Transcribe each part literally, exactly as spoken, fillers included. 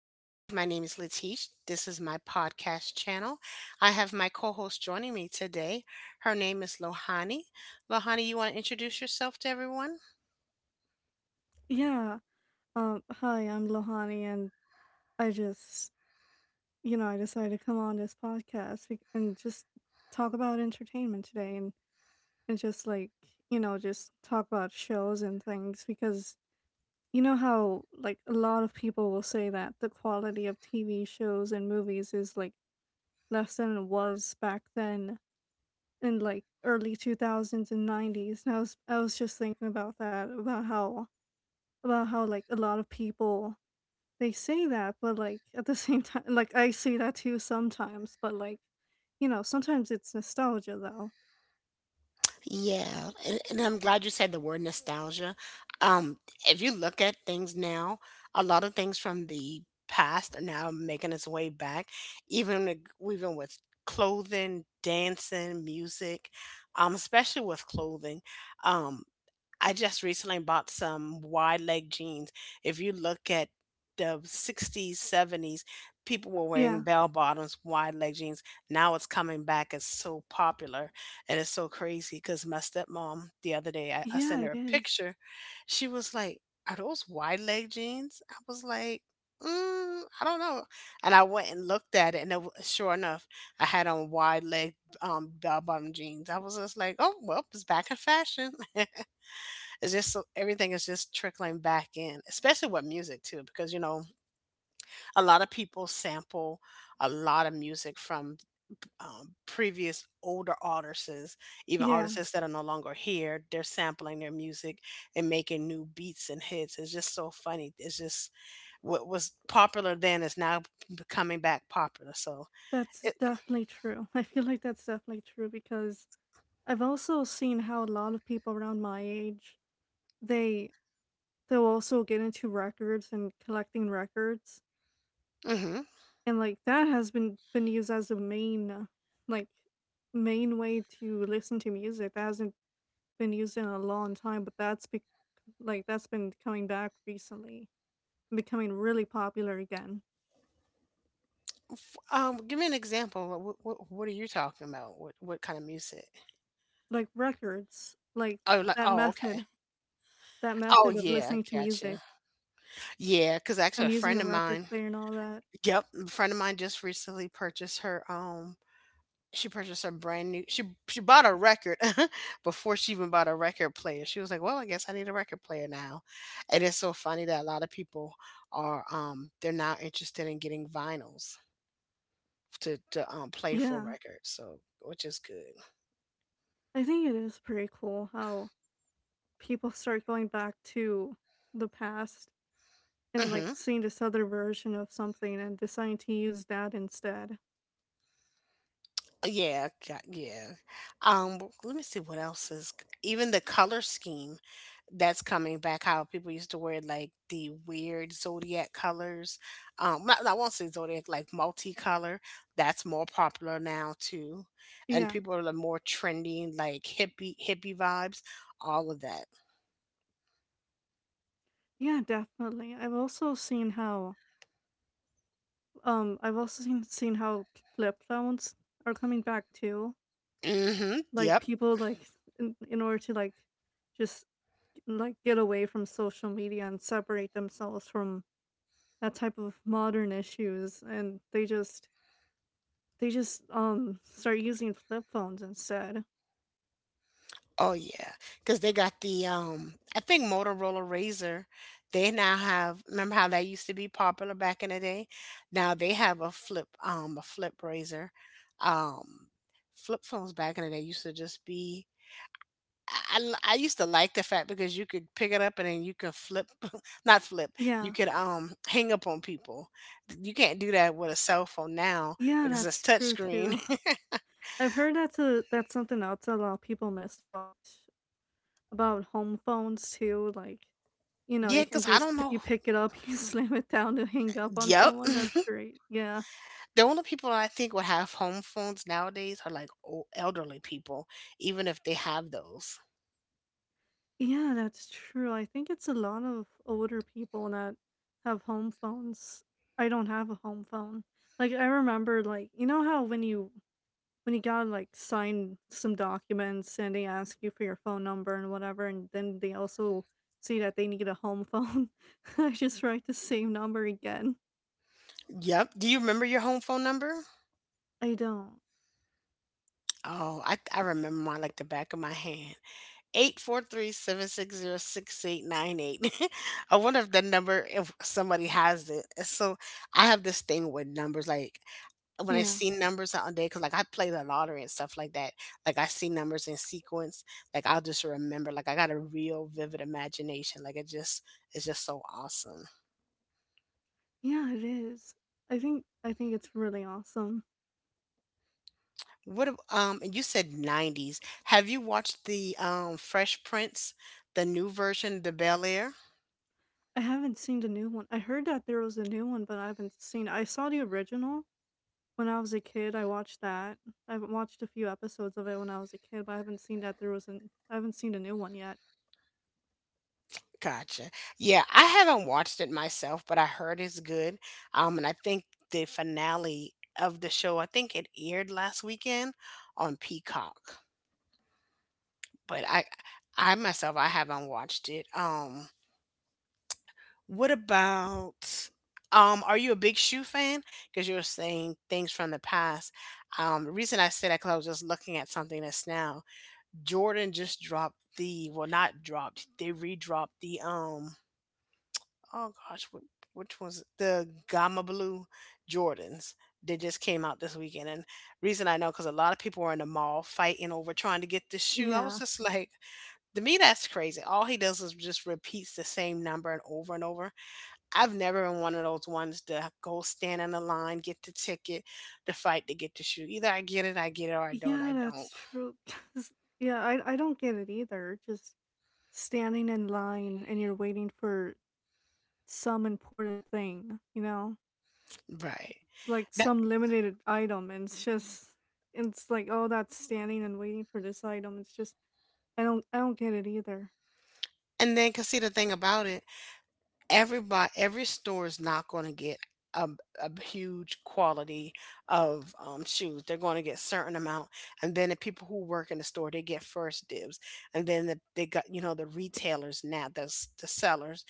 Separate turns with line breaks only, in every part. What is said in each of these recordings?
Guys, my name is Latish. This is my podcast channel. I have my co host joining me today. Her name is Lohani. Lohani, you want to introduce yourself to everyone?
yeah. Um, hi, I'm Lohani, and I just, you know, I decided to come on this podcast bec- and just talk about entertainment today, and and just like, you know, just talk about shows and things because you know how like a lot of people will say that the quality of T V shows and movies is like less than it was back then in like early two thousands and nineties. And I was I was just thinking about that about how about how like a lot of people. They say that, but like at the same time, like I say that too sometimes, but like, you know, sometimes it's nostalgia though.
Yeah, and, and I'm glad you said the word nostalgia. Um, if you look at things now, a lot of things from the past are now making its way back, even ag- even with clothing, dancing, music, um, especially with clothing. um. I just recently bought some wide leg jeans. If you look at the sixties, seventies, people were
Yeah.
wearing bell bottoms, wide leg jeans. Now it's coming back. It's so popular and it's so crazy because my stepmom, the other day, I, I
Yeah,
sent her
it
a
is.
picture. She was like, "Are those wide leg jeans?" I was like, "Mm, I don't know," and I went and looked at it, and it, wa- sure enough, I had on wide leg um bell bottom jeans. I was just like, "Oh well, it's back in fashion." It's just so everything is just trickling back in, especially with music too, because you know a lot of people sample a lot of music from um, previous older artists, even
Yeah,
artists that are no longer here. They're sampling their music and making new beats and hits. It's just so funny. It's just what was popular then is now becoming back popular. So
that's
it,
definitely true. I feel like that's definitely true because I've also seen how a lot of people around my age, they they'll also get into records and collecting records.
hmm.
And like that has been been used as a main uh, like main way to listen to music. That hasn't been using it a long time, but that's bec like, that's been coming back recently and becoming really popular again.
Um, give me an example. What what, what are you talking about? What what kind of music?
Like records, like
Oh, like
that
oh, okay.
method that
Oh,
method of
yeah,
listening to music
gotcha. Yeah, because actually, a
and using
friend
a
of
record
mine.
player and all that.
Yep, a friend of mine just recently purchased her. Um, she purchased her brand new. She she bought a record before she even bought a record player. She was like, "Well, I guess I need a record player now." And it's so funny that a lot of people are um they're now interested in getting vinyls to to um play for
Yeah,
records. So which is good.
I think it is pretty cool how people start going back to the past and, like,
Mhm.
seeing this other version of something and deciding to use that instead.
Uh, yeah, got, yeah. Um, w- let me see what else is even the color scheme that's coming back. How people used to wear like the weird zodiac colors. Um, not, I won't say zodiac, like multicolor. That's more popular now too, and
Yeah.
people are more trendy, like hippie hippie vibes. All of that.
Yeah, definitely. I've also seen how Um, I've also seen seen how flip phones are coming back too.
Mm-hmm.
Like
Yep.
people like In, in order to like just like get away from social media and separate themselves from that type of modern issues, and they just they just um start using flip phones instead.
Oh yeah, because they got the um, I think Motorola Razor. They now have. Remember how that used to be popular back in the day? Now they have a flip, um, a flip razor. Um, flip phones back in the day used to just be. I, I I used to like the fact because you could pick it up and then you could flip, not flip. You
Yeah.
could um hang up on people. You can't do that with a cell phone now
Yeah,
because it's
that's
touch
true
screen.
too. I've heard that's a that's something else that a lot of people miss about about home phones too. Like, you know,
Yeah,
you can
because I
just
don't
p-
know.
you pick it up, you slam it down to hang up on
Yep.
someone. That's great. Yeah,
The only people I think would have home phones nowadays are like old, elderly people, even if they have those.
yeah, that's true. I think it's a lot of older people that have home phones. I don't have a home phone. Like I remember, like you know how when you when you gotta like sign some documents and they ask you for your phone number and whatever, and then they also say that they need a home phone. I just write the same number again.
Yep. Do you remember your home phone number?
I don't.
Oh, I, I remember mine like the back of my hand. Eight four three seven six zero six eight nine eight. I wonder if that number, if somebody has it. So I have this thing with numbers. Like when I
Yeah.
see numbers all day, because like I play the lottery and stuff like that, like I see numbers in sequence, like I'll just remember, like I got a real vivid imagination, like it just it's just so awesome.
Yeah, it is. I think I think it's really awesome.
What ab- um and you said nineties? Have you watched the um Fresh Prince, the new version, the Bel Air?
I haven't seen the new one. I heard that there was a new one, but I haven't seen. I saw the original when I was a kid. I watched that. I've watched a few episodes of it when I was a kid, but I haven't seen that there was an. I haven't seen a new one yet.
Gotcha. Yeah, I haven't watched it myself, but I heard it's good. Um, and I think the finale of the show, I think it aired last weekend on Peacock. But I I myself I haven't watched it. Um, what about um are you a big shoe fan? Because you're saying things from the past. Um, the reason I said that because I was just looking at something that's now. Jordan just dropped the well not dropped, they re-dropped the um oh gosh, what which was the Gamma Blue Jordans. They just came out this weekend, and reason I know because a lot of people were in the mall fighting over trying to get this shoe. I was
Yeah,
just like, to me, that's crazy. All he does is just repeats the same number and over and over. I've never been one of those ones to go stand in the line, get the ticket, to fight to get the shoe. Either I get it, I get it, or I don't,
yeah,
I don't.
that's true. 'Cause- yeah, I I don't get it either. Just standing in line and you're waiting for some important thing, you know.
Right.
Like
That,
some limited item, and it's just, it's like, oh, that's standing and waiting for this item, it's just, i don't I don't get it either.
and then, cause see the thing about it, everybody every store is not going to get a, a huge quality of um, shoes they're going to get certain amount and then the people who work in the store they get first dibs and then the, they got you know the retailers now the, s- the sellers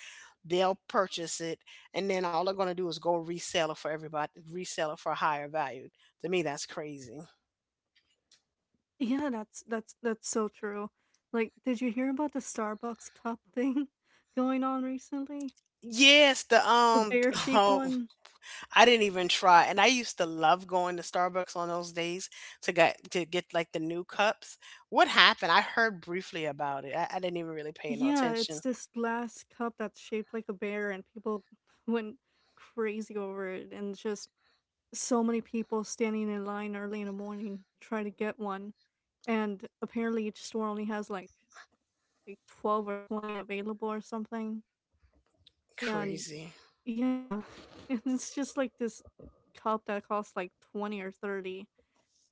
they'll purchase it and then all they're going to do is go resell it for everybody resell it for a higher value to me that's crazy
Yeah, that's that's that's so true. Like, did you hear about the Starbucks cup thing going on recently?
yes the
The
um
bear shaped
oh
one?
I didn't even try. And I used to love going to Starbucks on those days to get to get like the new cups. What happened? I heard briefly about it. I, I didn't even really pay no
Yeah, it's
attention.
this glass cup that's shaped like a bear, and people went crazy over it, and just so many people standing in line early in the morning trying to get one. And apparently each store only has like like twelve or twenty available or something. And
Crazy.
yeah, and it's just like this cup that costs like twenty or thirty.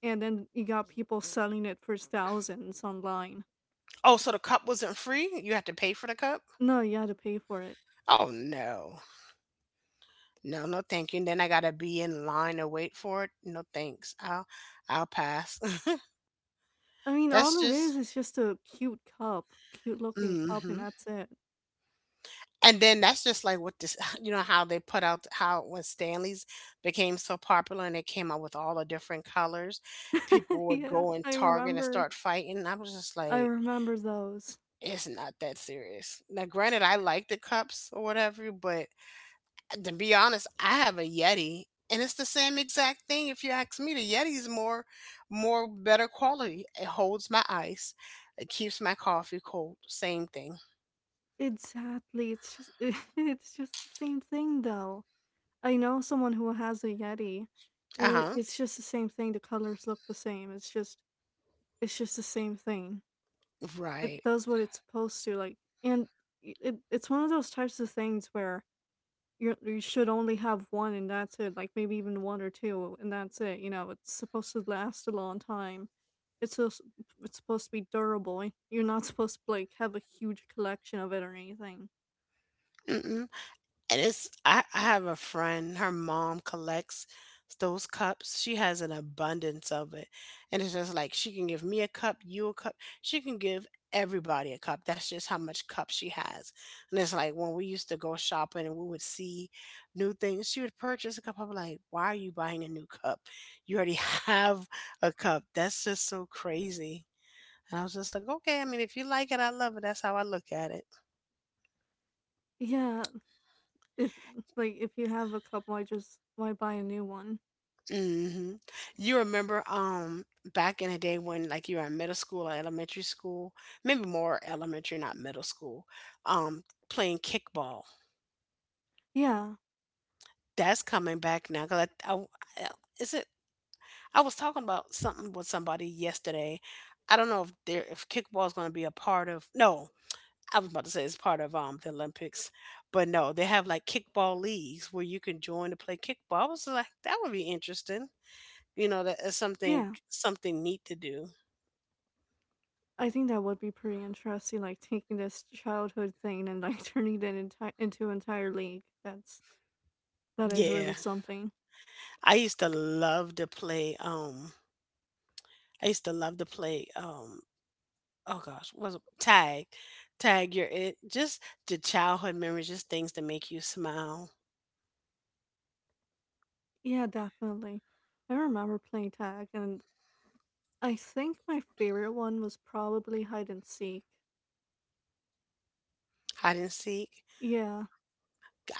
And then you got people selling it for thousands online.
Oh, so the cup wasn't free? You had to pay for the cup?
No, you had to pay for it.
Oh no. No, no thank you. And then I gotta be in line to wait for it. No thanks. I'll I'll pass.
I mean, all
That's
it is
just
is just a cute cup, cute looking cup, and
hmm.
that's it.
And then that's just like what this, you know, how they put out how when Stanleys became so popular and they came out with all the different colors, people would
Yeah,
go and
I
Target and
remember.
start fighting. And I was just
I
like,
remember those.
it's not that serious. Now, granted, I like the cups or whatever, but to be honest, I have a Yeti and it's the same exact thing. If you ask me, the Yeti is more, more better quality. It holds my ice, it keeps my coffee cold. Same thing.
Exactly. It's just it's just the same thing though. I know someone who has a Yeti,
Uh
and it,
huh.
it's just the same thing. The colors look the same. It's just it's just the same thing. It
Right.
does what it's supposed to. Like, and i- it, it's one of those types of things where you you should only have one, and that's it. Like maybe even one or two, and that's it. You know, it's supposed to last a long time. It's so, it's supposed to be durable. y- You're not supposed to like have a huge collection of it or anything.
Mm-mm. And it's I, I have a friend, her mom collects those cups. She has an abundance of it. And it's just like she can give me a cup, you a cup. She can give everybody a cup. That's just how much cup she has. And it's like when we used to go shopping and we would see new things, she would purchase a cup. I'm like, why are you buying a new cup? You already have a cup. That's just so crazy. And I was just like, okay, I mean, if you like it, I love it. That's how I look at it.
Yeah, if like if you have a couple, I just why buy a new one?
Hmm. You remember um back in the day when like you were in middle school or elementary school, maybe more elementary, not middle school, um, playing kickball.
Yeah.
That's coming back now because I, I, I- is it I was talking about something with somebody yesterday. I don't know if there if kickball is going to be a part of no. I was about to say it's part of um the Olympics, but no, they have like kickball leagues where you can join to play kickball. I was like, that would be interesting. You know, that is something
Yeah,
something neat to do.
I think that would be pretty interesting, like taking this childhood thing and like turning it enti- into an entire league. That's that is really
Yeah.
something.
I used to love to play, um I used to love to play, um oh gosh, what was it tag. Tag, you're it. Just the childhood memories, just things that make you smile.
Yeah, definitely. I remember playing tag, and I think my favorite one was probably hide and seek.
Hide and seek.
Yeah,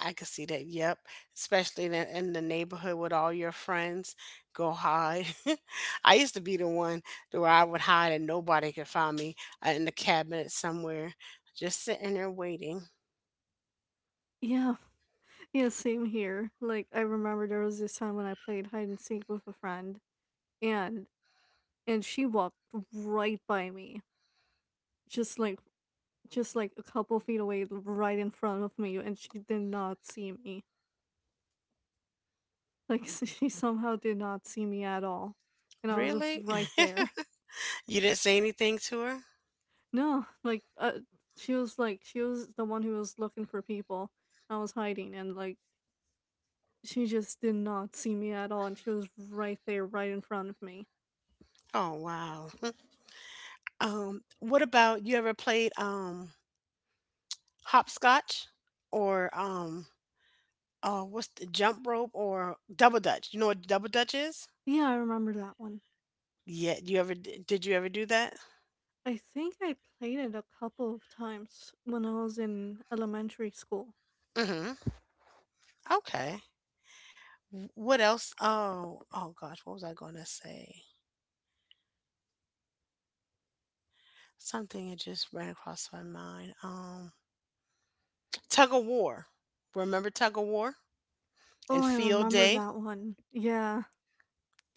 I could see that. Yep. Especially in the, in the neighborhood with all your friends. Go hide. I used to be the one to where I would hide and nobody could find me uh, in the cabinet somewhere, just sitting there waiting.
yeah, yeah. Same here. Like I remember there was this time when I played hide and seek with a friend, and and she walked right by me, just like just like a couple feet away, right in front of me, and she did not see me. Like she somehow did not see me at all, and I was
Really?
right there.
You didn't say anything to her?
No, like uh, she was like she was the one who was looking for people. I was hiding, and like she just did not see me at all, and she was right there, right in front of me.
Oh, wow. Um, what about you ever played um hopscotch or um uh what's the jump rope or double dutch? You know what double dutch is?
Yeah, I remember that one.
Yeah, you ever d- did you ever do that?
I think I played it a couple of times when I was in elementary school.
Mm-hmm. Okay. W- what else? Oh, oh gosh, what was I gonna say? Something that just ran across my mind. Um, tug of war. Remember tug of war and
Oh, I
field
remember
day?
that one. Yeah.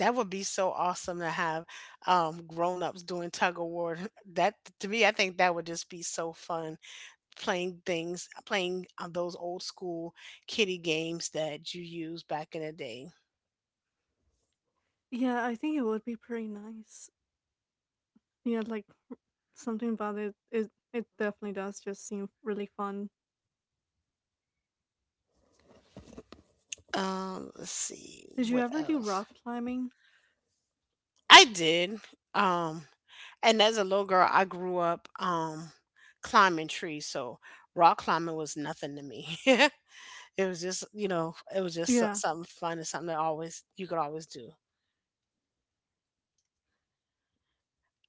That would be so awesome to have um, grown-ups doing tug of war. That to me, I think that would just be so fun playing things, playing uh, those old school kiddie games that you used back in the day.
Yeah, I think it would be pretty nice. Yeah, like something about it, it it definitely does just seem really fun.
Um, let's see
Did you
what
ever do
else.
rock climbing?
I did. Um, and as a little girl, I grew up um climbing trees, so rock climbing was nothing to me. It was just, you know, it was just so-
Yeah,
something fun and something that always you could always do.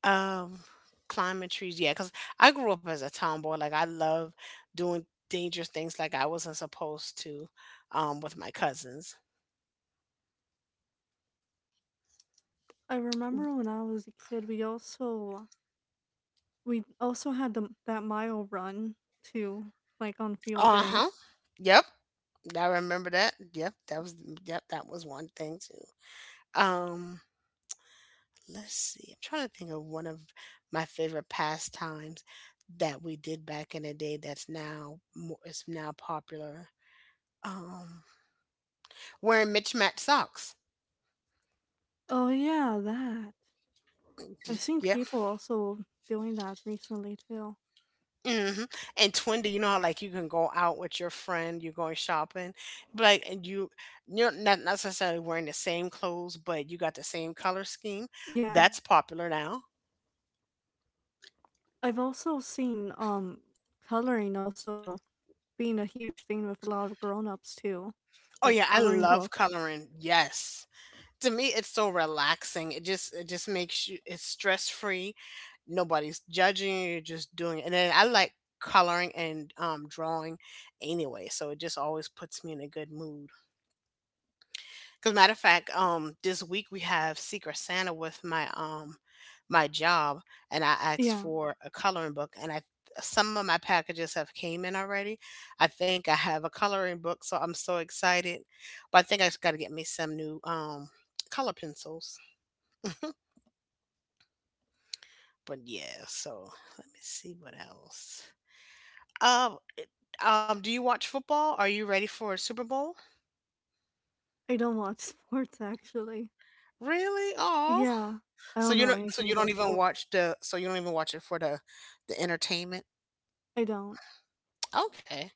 Um, climbing trees, yeah. Cause I grew up as a tomboy. Like I love doing dangerous things like I wasn't supposed to, um, with my cousins.
I remember when I was a kid, we also we also had the that mile run too, like on field day.
Uh-huh. Yep, I remember that. Yep, that was mm, yep, that was one thing too. Um, let's see. I'm trying to think of one of my favorite pastimes that we did back in the day that's now more is now popular. Um, Wearing mismatched socks.
Oh yeah, that. I've seen people also doing that recently too.
Mhm, and Twindy, you know how like you can go out with your friend, you're going shopping, but like, and you you're not necessarily wearing the same clothes, but you got the same color scheme.
Yeah,
That's popular now.
I've also seen um coloring also being a huge thing with a lot of grown-ups too,
Oh
like
yeah, I
coloring
love
books.
coloring. Yes. To me it's so relaxing. It just it just makes you it's stress free. Nobody's judging you, you're just doing it. And then I like coloring and um drawing anyway, so it just always puts me in a good mood. Because matter of fact, um, this week we have Secret Santa with my um my job, and I asked
Yeah,
for a coloring book, and I some of my packages have came in already. I think I have a coloring book, so I'm so excited. But I think I just got to get me some new um color pencils. But yeah, so let me see what else. Um, it- um, do you watch football? Are you ready for a Super Bowl?
I don't watch sports actually.
Really? Oh.
Yeah, I
So
don't
you
know
don't so
anything
you
about
don't even
sports.
watch the so you don't even watch it for the the entertainment?
I don't.
Okay.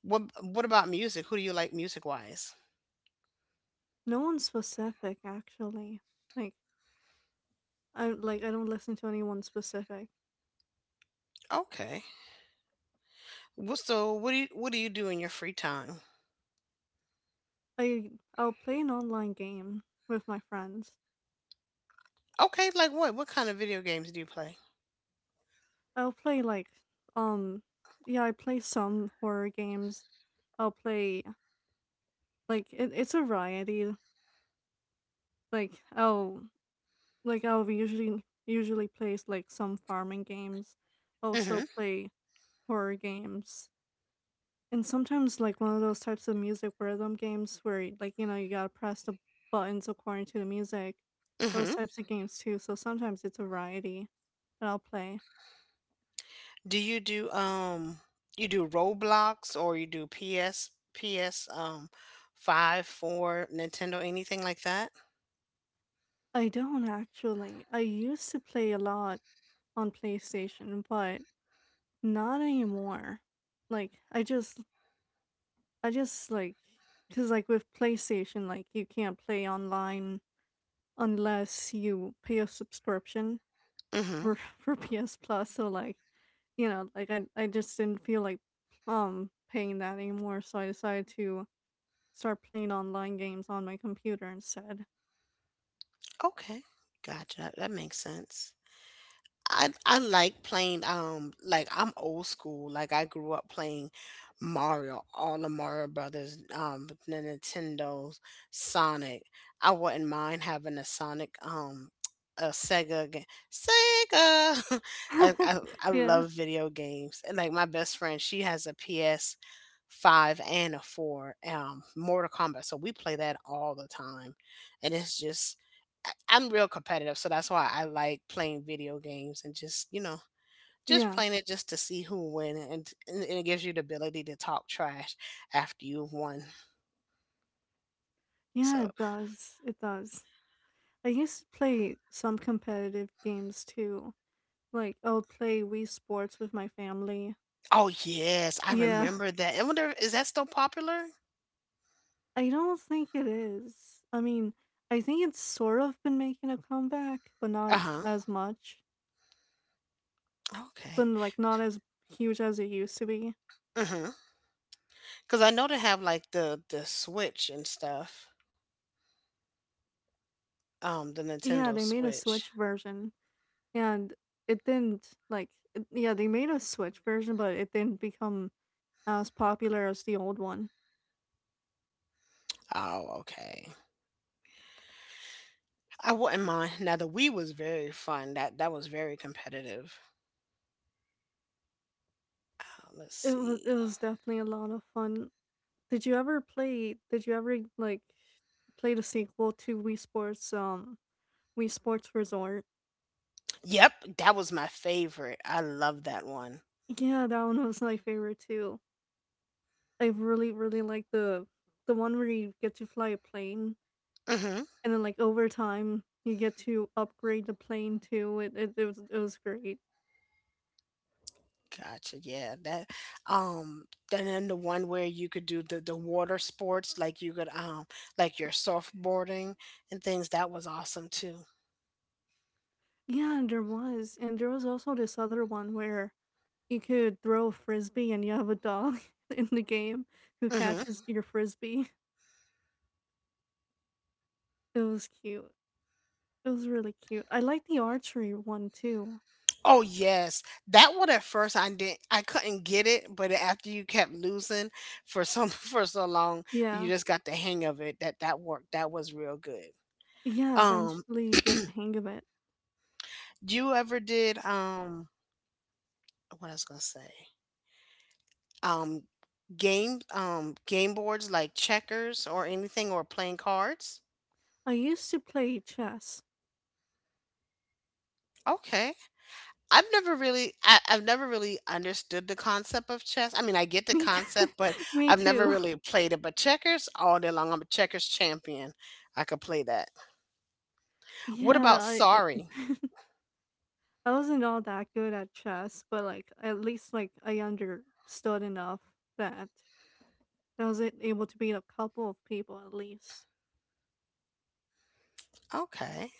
What what about music? Who do you like music wise?
No one specific actually. Like I like I don't listen to anyone specific.
Okay. Well, so what do you what do you do in your free time?
I I'll play an online game with my friends.
Okay, like what? What kind of video games do you play?
I'll play like um yeah, I play some horror games. I'll play like it, it's a variety. Like I'll Like I'll usually usually plays like some farming games, also
Mm-hmm.
play horror games, and sometimes like one of those types of music rhythm games where y- like you know you gotta press the buttons according to the music, those
Mm-hmm.
types of games too. So sometimes it's a variety that I'll play.
Do you do um you do Roblox or you do P S P S um five, four, Nintendo, anything like that?
I don't actually. I used to play a lot on PlayStation, but not anymore. Like I just I just like because like with PlayStation, like you can't play online unless you pay a subscription
Mm-hmm.
for for P S Plus. So like, you know, like I I just didn't feel like um paying that anymore. So I decided to start playing online games on my computer instead.
Okay. Gotcha. That makes sense. I I like playing um like I'm old school. Like I grew up playing Mario, all the Mario Brothers, um the Nintendo's, Sonic. I wouldn't mind having a Sonic um a Sega game. Sega. I, I I
yeah,
love video games. And like my best friend, she has a P S five and a four um Mortal Kombat. So we play that all the time. And it's just I'm real competitive, so that's why I like playing video games and just, you know, just
yeah,
playing it just to see who win and, and it gives you the ability to talk trash after you've won.
yeah.
So,
It does. It does. I used to play some competitive games too. Like I would play Wii Sports with my family.
oh yes, I
Yeah.
remember that. I wonder is that still popular?
I don't think it is. I mean, I think it's sort of been making a comeback, but not
Uh-huh.
as much. But
Okay.
like not as huge as it used to be.
Mhm. Cuz I know they have like the the Switch and stuff. Um the
Yeah,
Nintendo
they made a
Switch.
Switch version and it didn't like it- yeah, they made a Switch version, but it didn't become as popular as the old one.
Oh, okay. I wouldn't mind. Now the Wii was very fun. That that was very competitive. Uh, let's
It was it
see.
was definitely a lot of fun. Did you ever play did you ever like play the sequel to Wii Sports um Wii Sports Resort?
Yep, that was my favorite. I love that one.
Yeah, that one was my favorite too. I really, really like the the one where you get to fly a plane,
Mhm.
and then like over time you get to upgrade the plane too. It it, it was it was great.
Gotcha. Yeah, that um and then the one where you could do the the water sports like you could um like your surfboarding and things that was awesome too.
Yeah, and there was, and there was also this other one where you could throw a frisbee and you have a dog in the game who
Mhm.
catches your frisbee. It was cute. It was really cute. I like the archery one too.
Oh yes. That one at first I didn't I couldn't get it, but after you kept losing for some for so long, you
Yeah,
just got the hang of it that that worked. That was real good.
yeah.
Um
Eventually you get the hang of it.
you ever did um what I was going to say? Um Game um game boards like checkers or anything, or playing cards.
I used to play chess.
Okay. I've never really I, i've never really understood the concept of chess. I mean, I get the
Me, t-
concept, but
me
I've never
too.
really played it. But checkers all day long, I'm a checkers champion. I could play that. What
Yeah,
about,
I I
sorry,
I wasn't all that good at chess, but, like, at least, like, I understood enough that I was a able to beat a couple of people at least.
okay,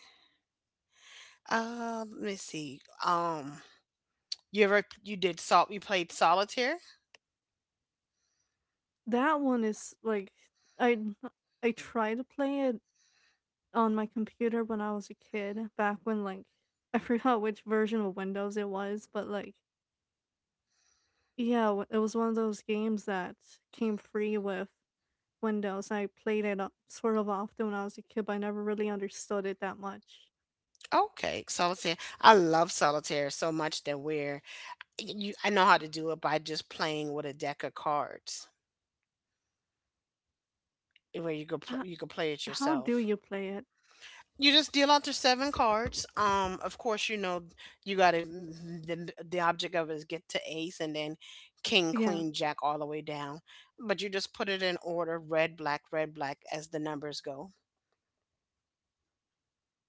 uh let me see. Um you ever you did salt you played solitaire?
That one is, like, I I tried to play it on my computer when I was a kid, back when, like I forgot which version of Windows it was, but, like yeah, w it was one of those games that came free with Windows. I played it o sort of often when I was a kid, but I never really understood it that much.
Okay, solitaire. I love solitaire so much that we're you I know how to do it by just playing with a deck of cards, eh, where you could pl-
H-
you could play it
how do
yourself.
you play it?
You just deal out the seven cards. Um, of course, you know, you got to the the object of it is get to ace, and then king,
Yeah.
queen, jack all the way down. But you just put it in order: red, black, red, black as the numbers go.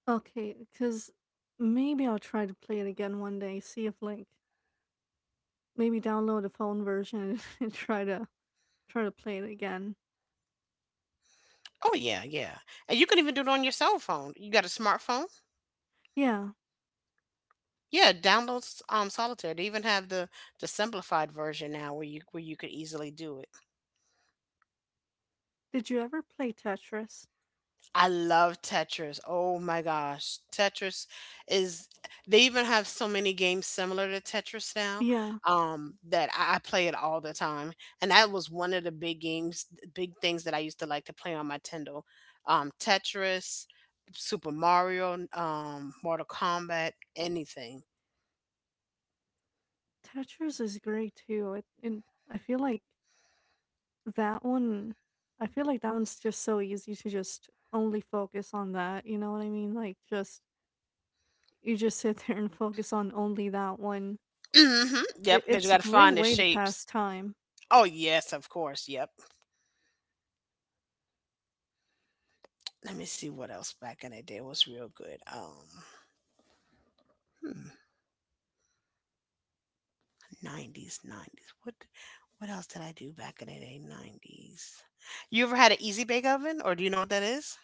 Okay, because maybe I'll try to play it again one day. See if like maybe download a phone version and try to try to play it again.
Oh yeah, yeah. And you can even do it on your cell phone. You got a smartphone?
Yeah.
Yeah, download s- um Solitaire. They even have the the simplified version now where you where you could easily do it.
Did you ever play Tetris?
I love Tetris. Oh my gosh. Tetris is they even have so many games similar to Tetris now
Yeah.
um that I, I play it all the time. And that was one of the big games, big things that I used to like to play on my Nintendo. Um Tetris, Super Mario, um Mortal Kombat, anything.
Tetris is great too. It, it I feel like that one. I feel like that one's just so easy to just only focus on that. You know what I mean? Like just you just sit there and focus on only that one.
Mhm. Yep,
It,
because you
it's a
got to
great
find the
way to
shapes.
pass time.
Oh yes, of course. Yep. Let me see what else back in the day was real good. Um hmm. nineties, nineties. What what else did I do back in the day? nineties. You ever had an easy bake oven, or do you know what that is?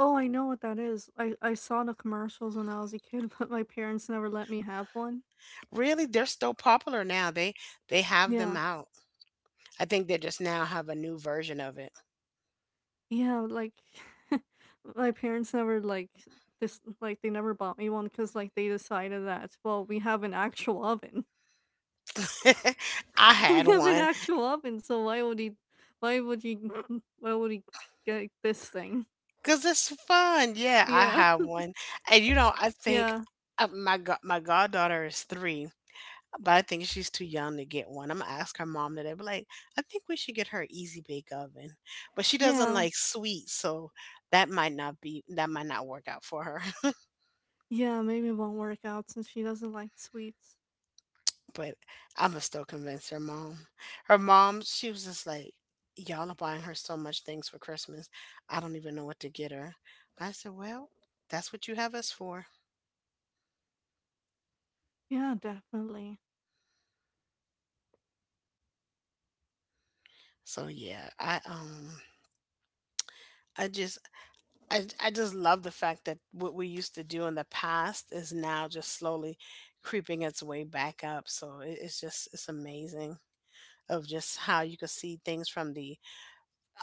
Oh, I know what that is. I I saw the commercials when I was a kid, but my parents never let me have one.
Really, they're still popular now. They they have them
Yeah.
out. I think they just now have a new version of it.
Yeah, like my parents never like this like they never bought me one cuz like they decided that well, we have an actual oven. So
I
we
had
have an
one
actual oven, so why would he why would you why would he get this thing?
cuz it's fun. Yeah, I
Yeah.
have one. And you know, I think
Yeah.
uh, my go- my goddaughter is three. But I think she's too young to get one. I'm gonna ask her mom today. But like, I think we should get her an easy bake oven. But she doesn't
Yeah.
like sweet, so that might not be that might not work out for her.
Yeah, maybe it won't work out since she doesn't like sweets.
But I'ma still convince her mom. Her mom, she was just like, "Y'all are buying her so much things for Christmas. I don't even know what to get her." I said, "Well, that's what you have us for."
Yeah, definitely.
So yeah, I um I just I, I just love the fact that what we used to do in the past is now just slowly creeping its way back up. So it, it's just, it's amazing of just how you could see things from the,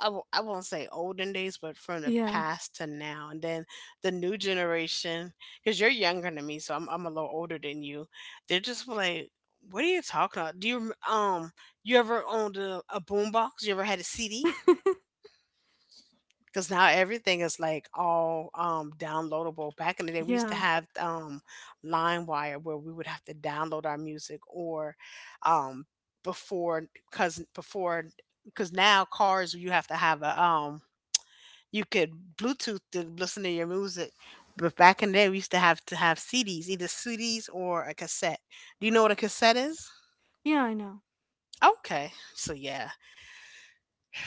I w- I won't say olden days, but from the
Yeah.
past to now. And then the new generation, because you're younger than me, so I'm, I'm a little older than you. They're just like, "What are you talking about?" Do you, rem- um, you ever owned a, a boombox? You ever had a C D? Because now everything is like all um, downloadable. Back in the day, we used to
Yeah.
have um, LimeWire where we would have to download our music, or um, before because before because now cars you have to have a um, you could Bluetooth to listen to your music. But back in the day, we used to have to have C Ds, either C Ds or a cassette. Do you know what a cassette is?
Yeah, I know.
Okay, so yeah.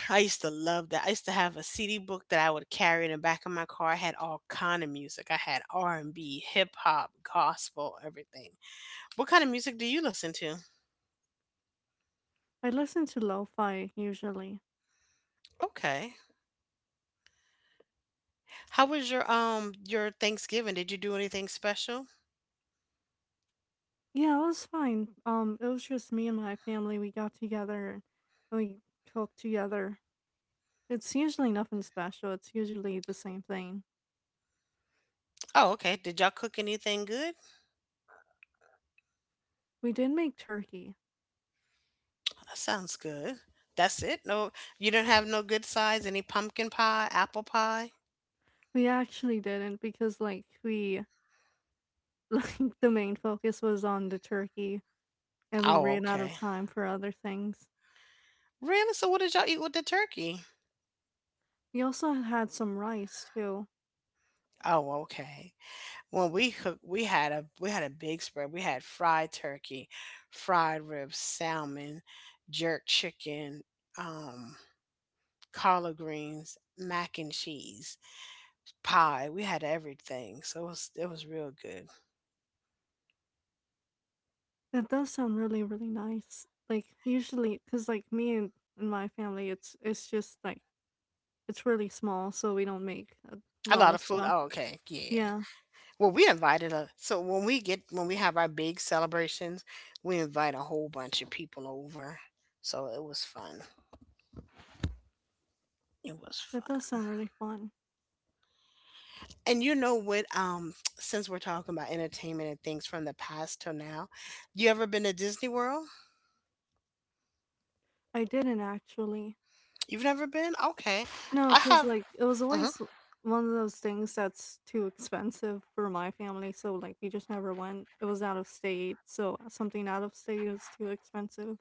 I used to love that. I used to have a C D book that I would carry in the back of my car. I had all kind of music. I had R and B, hip hop, gospel, everything. What kind of music do you listen to?
I listen to lo-fi usually.
Okay. How was your um your Thanksgiving? Did you do anything special?
Yeah, it was fine. Um, it was just me and my family. We got together and we cooked together. It's usually nothing special. It's usually the same thing.
Oh, okay. Did y'all cook anything good?
We did make turkey.
That sounds good. That's it. No, you don't have no good sides? Any pumpkin pie, apple pie?
We actually didn't because like we like the main focus was on the turkey and we
Oh,
ran out of
okay.
time for other things.
Really? So what did y'all eat with the turkey?
We also had some rice too.
Oh, okay. When we cooked, we had a we had a big spread. We had fried turkey, fried ribs, salmon, jerk chicken, um collard greens, mac and cheese, pie, we had everything, so it was it was real good.
That does sound really, really nice. Like usually, because like me and, and my family, it's it's just like it's really small, so we don't make a
A
lot
lot
of
of food,
stuff.
oh okay, yeah,
Yeah,
well we invited a so when we get when we have our big celebrations, we invite a whole bunch of people over, so it was fun, it was
that does
fun.
sound really fun.
And you know what? Um, since we're talking about entertainment and things from the past till now, you ever been to Disney World?
I didn't actually.
You've never been? Okay,
No,
I
because
have.
like it was
Uh-huh.
always l- one of those things that's too expensive for my family, so like we just never went. It was out of state, so uh, something out of state is too expensive.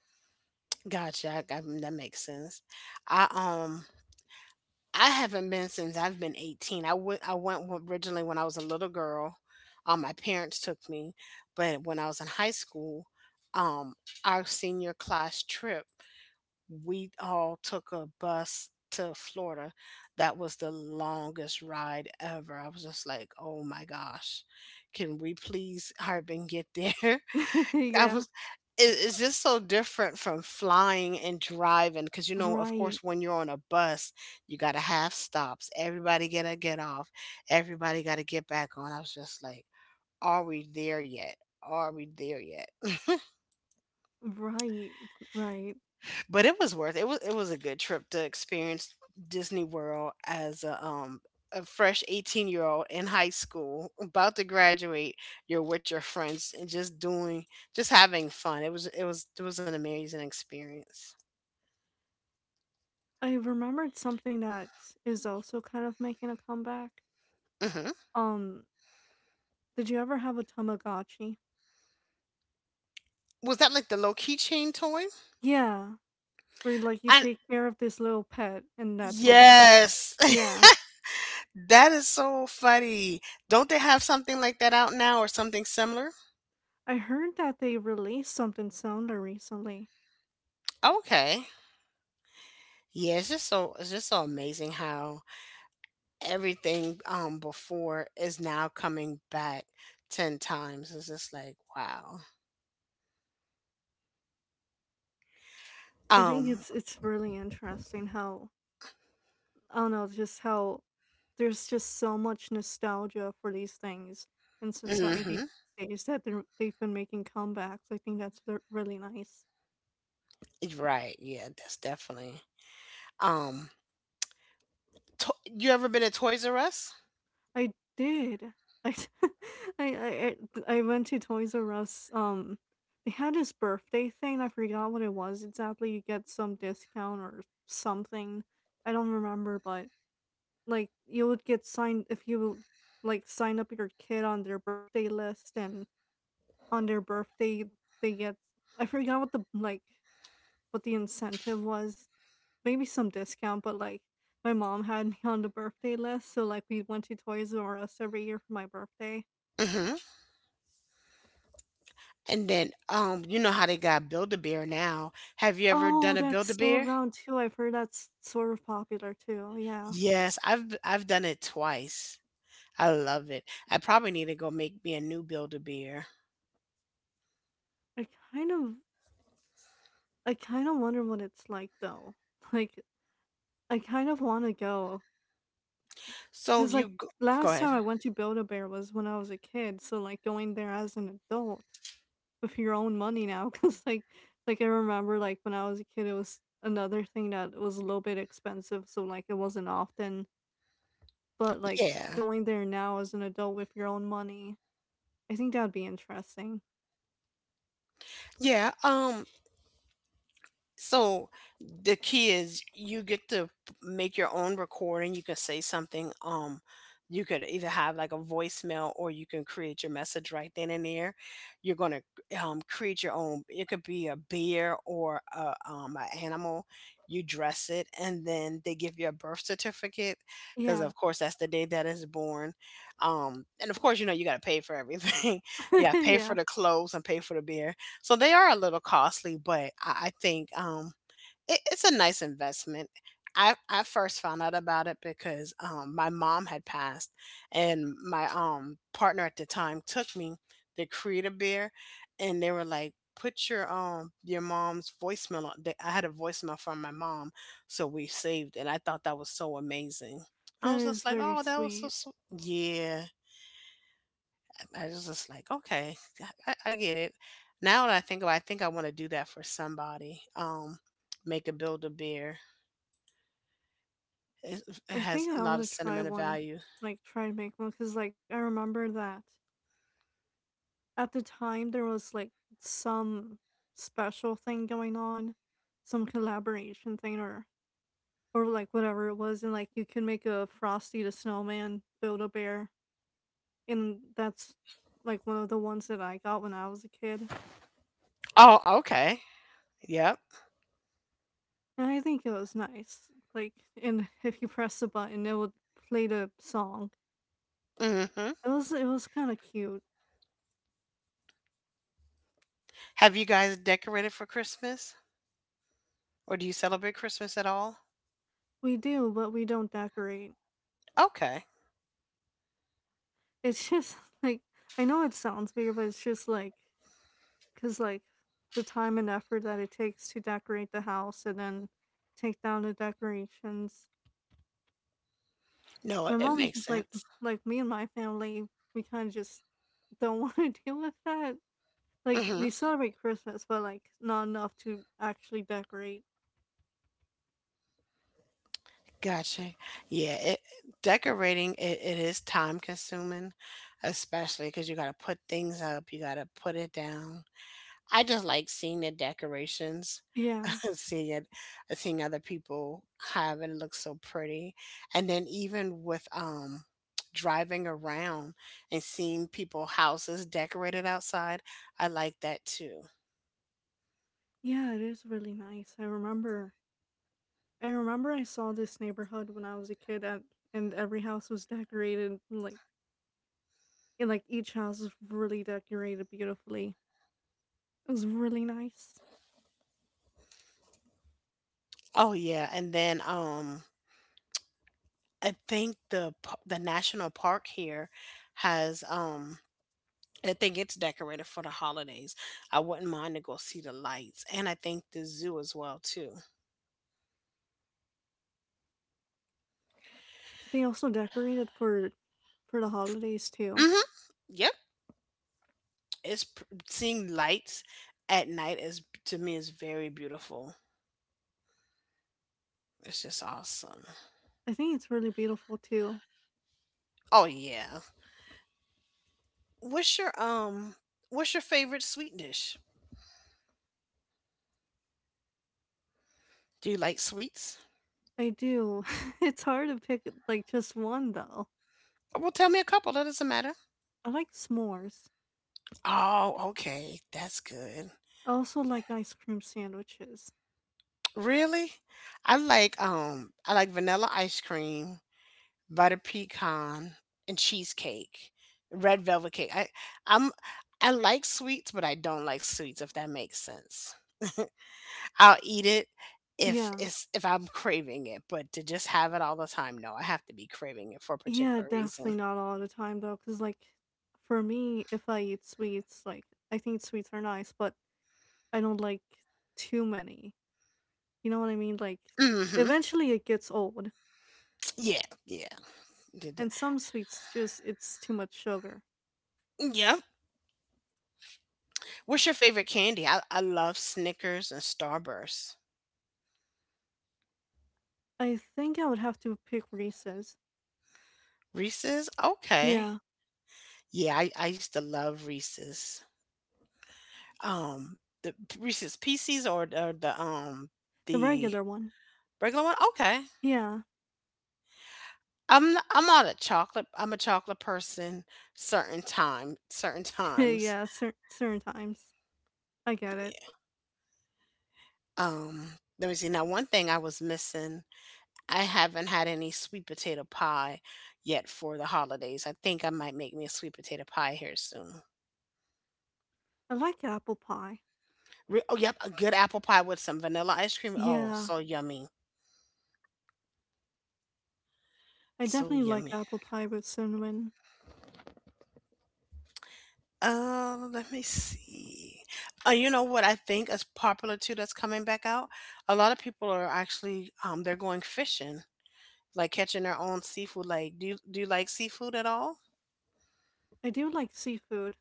Gotcha. I, I, that makes sense. I um I haven't been since I've been eighteen. I went I went w- originally when I was a little girl. Um, my parents took me, but when I was in high school, um, our senior class trip, we all took a bus to Florida. That was the longest ride ever. I was just like, oh my gosh, can we please hurry and get there? I
yeah.
was, it, it's just so different from flying and driving because, you know, of
Right.
course, when you're on a bus, you got to have stops. Everybody got to get off, everybody got to get back on. I was just like, are we there yet? Are we there yet?
Right. Right.
But it was worth it. Was it was a good trip to experience Disney World as a um a fresh eighteen year old in high school about to graduate. You're with your friends and just doing, just having fun. It was it was it was an amazing experience.
I remembered something that is also kind of making a comeback.
Hmm.
Um, did you ever have a Tamagotchi?
Was that like the low keychain toy
Yeah, where like you
and
take care of this little pet and that toy.
yes?
Yeah,
That is so funny. Don't they have something like that out now or something similar?
I heard that they released something similar recently.
Okay. Yeah, it's just so it's just so amazing how everything um before is now coming back ten times. It's just like wow.
I think
um
it's it's really interesting how I don't know just how there's just so much nostalgia for these things in society
hmm
these days that they're- they've been making comebacks. I think that's re- really nice.
right, yeah, that's definitely. um to- you ever been at Toys R Us?
I did. I I I I went to Toys R Us, um, they had this birthday thing, I forgot what it was exactly, you get some discount or something, I don't remember, but, like, you would get signed if you, like, sign up your kid on their birthday list, and on their birthday, they get I forgot what the, like, what the incentive was, maybe some discount, but, like, my mom had me on the birthday list, so, like, we went to Toys R Us every year for my birthday.
Mm-hmm. And then um you know how they got Build-A-Bear now? Have you ever
Oh,
done a
that's still
Build-A-Bear?
around too, I've heard that's sort of popular too, yeah.
Yes, i've i've done it twice. I love it. I probably need to go make me a new Build-A-Bear.
I kind of I kinda wonder what it's like though. Like, I kind of wanna go, go
So
because, like,
you go, go
last
ahead.
time I went to Build-A-Bear was when I was a kid, so, like, going there as an adult with your own money now, because like like, I remember, like, when I was a kid, it was another thing that was a little bit expensive, so, like, it wasn't often, but, like,
Yeah.
going there now as an adult with your own money, I think that'd be interesting.
Yeah. Um So the key is you get to p- make your own recording. You can say something. Um, you could either have like a voicemail or you can create your message right then and there. You're gonna um, create your own. It could be a beer or a um, an animal. You dress it, and then they give you a birth certificate because,
Yeah.
of course, that's the day that is born. Um, and of course, you know you got to pay for everything. Yeah, pay for
yeah,
the clothes and pay for the beer, so they are a little costly, but I, I think um, it, it's a nice investment. I, I first found out about it because um, my mom had passed, and my um, partner at the time took me to Creator Beer, and they were like, "Put your um your mom's voicemail." On. They, I had a voicemail from my mom, so we saved it. I thought that was so amazing. I
that
was
is
just like,
very
"Oh, that was so
sweet.
sweet." Yeah, I was just like, okay, I, I get it. Now that I think about it, I think I want to do that for somebody. Um, make a build a beer. It, it
I
has
think
a
I
lot of
want to try
sentimental
one,
value.
like try to make one, because like I remember that at the time there was like some special thing going on, some collaboration thing or or like whatever it was, and like you can make a Frosty the Snowman build a bear, and that's like one of the ones that I got when I was a kid,
Oh, okay. Yep.
and I think it was nice. Like, and if you press the button, it would play the song.
Hmm.
It was it was kind of cute.
Have you guys decorated for Christmas, or do you celebrate Christmas at all?
We do, but we don't decorate.
Okay.
It's just like I know it sounds weird, but it's just like because like the time and effort that it takes to decorate the house and then take down the decorations.
No, it
My
it
mom,
makes
like
sense.
like me and my family, we kind of just don't want to deal with that. Like
Hmm.
we celebrate Christmas, but like not enough to actually decorate.
Gotcha. Yeah, it, decorating it, it is time consuming, especially because you got to put things up, you got to put it down. I just like seeing the decorations,
Yeah,
seeing it, seeing other people have it, it looks so pretty. And then even with um driving around and seeing people houses decorated outside, I like that too.
yeah, it is really nice. I remember I remember I saw this neighborhood when I was a kid and and every house was decorated like and like each house was really decorated beautifully. It was really nice.
Oh yeah, and then um I think the p- the national park here has um I think it's decorated for the holidays. I wouldn't mind to go see the lights, and I think the zoo as well too.
They also decorated for for the holidays too.
Mhm. Yep. It's pr- seeing lights at night is to me is very beautiful. It's just awesome.
I think it's really beautiful too.
Oh yeah. What's your um what's your favorite sweet dish? Do you like sweets?
I do. it's hard to pick like just one though.
Well, tell me a couple. That doesn't matter.
I like s'mores.
Oh, okay. That's good.
I also like ice cream sandwiches.
Really? I like um I like vanilla ice cream, butter pecan, and cheesecake. Red velvet cake. I I'm I like sweets, but I don't like sweets if that makes sense. I'll eat it if
Yeah.
it's if I'm craving it, but to just have it all the time, no, I have to be craving it for a
Yeah,
particular
definitely
reason.
not all the time though cuz like for me if I eat sweets like I think sweets are nice, but I don't like too many. You know what I mean? Like
Hmm.
eventually it gets old
Yeah, yeah. Did it.
and some sweets just it's too much sugar.
Yep. What's your favorite candy? I, I love Snickers and Starburst.
I think I would have to pick Reese's.
Reese's? Okay.
Yeah,
Yeah, I, I used to love Reese's. Um the Reese's Pieces or, or the um
the
the
regular one.
regular one? Okay.
Yeah.
I'm not, I'm not a chocolate I'm a chocolate person certain time certain times.
yeah, cer- certain times. I get it.
Yeah. Um, Let me see. Now, one thing I was missing, I haven't had any sweet potato pie yet for the holidays. I think I might make me a sweet potato pie here soon.
I like apple pie.
Re- oh, yep, a good apple pie with some vanilla ice cream. Oh,
Yeah,
so yummy.
I
So
definitely like
yummy.
apple pie with cinnamon.
Uh, let me see. Uh, you know what I think is popular too that's coming back out? A lot of people are actually um they're going fishing, like catching their own seafood. Like, do you do you like seafood at all?
I do like seafood.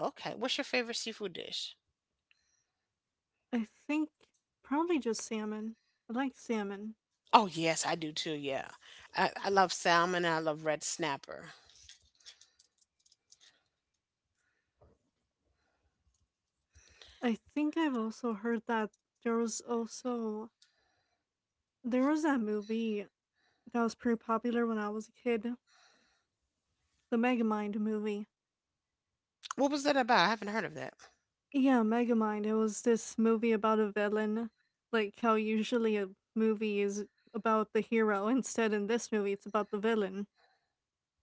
Okay. What's your favorite seafood dish?
I think probably just salmon. I like salmon.
Oh yes, I do too. Yeah, I, I love salmon and I love red snapper.
I think I've also heard that there was also there was that movie that was pretty popular when I was a kid, the Megamind movie.
What was that about? I haven't heard of that.
Yeah, Megamind. It was this movie about a villain, like how usually a movie is about the hero. Instead, in this movie, it's about the villain,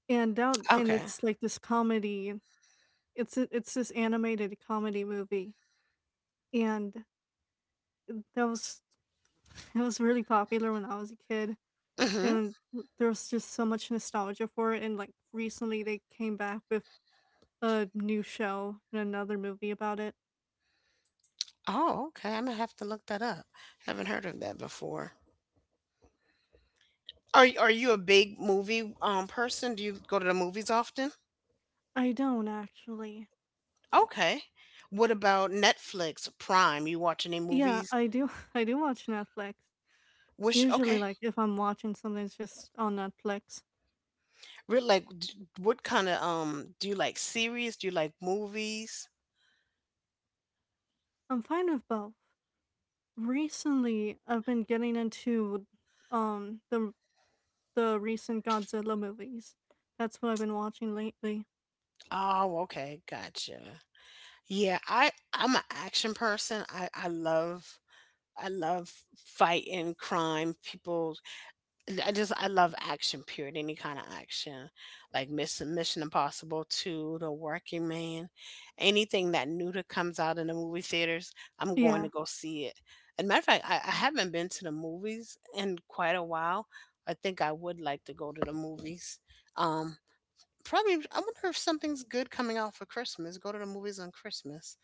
and down and
Okay.
it's like this comedy. It's a- it's this animated comedy movie, and that was it was really popular when I was a kid,
Mm-hmm.
and there was just so much nostalgia for it. And like recently, they came back with a new show and another movie about it.
Oh, okay. I'm gonna have to look that up. Haven't heard of that before. Are y- Are you a big movie um person? Do you go to the movies often?
I don't actually.
Okay. What about Netflix, Prime? You watch any
Yeah,
movies?
I do. I do watch Netflix.
Which
Usually,
okay,
like if I'm watching something, it's just on Netflix.
Re- like d- what kind of um do you like series? Do you like movies?
I'm fine with both. Recently, I've been getting into um the the recent Godzilla movies. That's what I've been watching lately.
Oh, okay, gotcha. Yeah, I I'm an action person. I I love I love fighting crime, people. I just I love action, period, any kind of action, like Mission Mission Impossible Two, The Working Man, anything that new that comes out in the movie theaters, I'm going
Yeah,
to go see it. And matter of fact, I, I haven't been to the movies in quite a while. I think I would like to go to the movies. Um, Probably. I wonder if something's good coming out for Christmas. Go to the movies on Christmas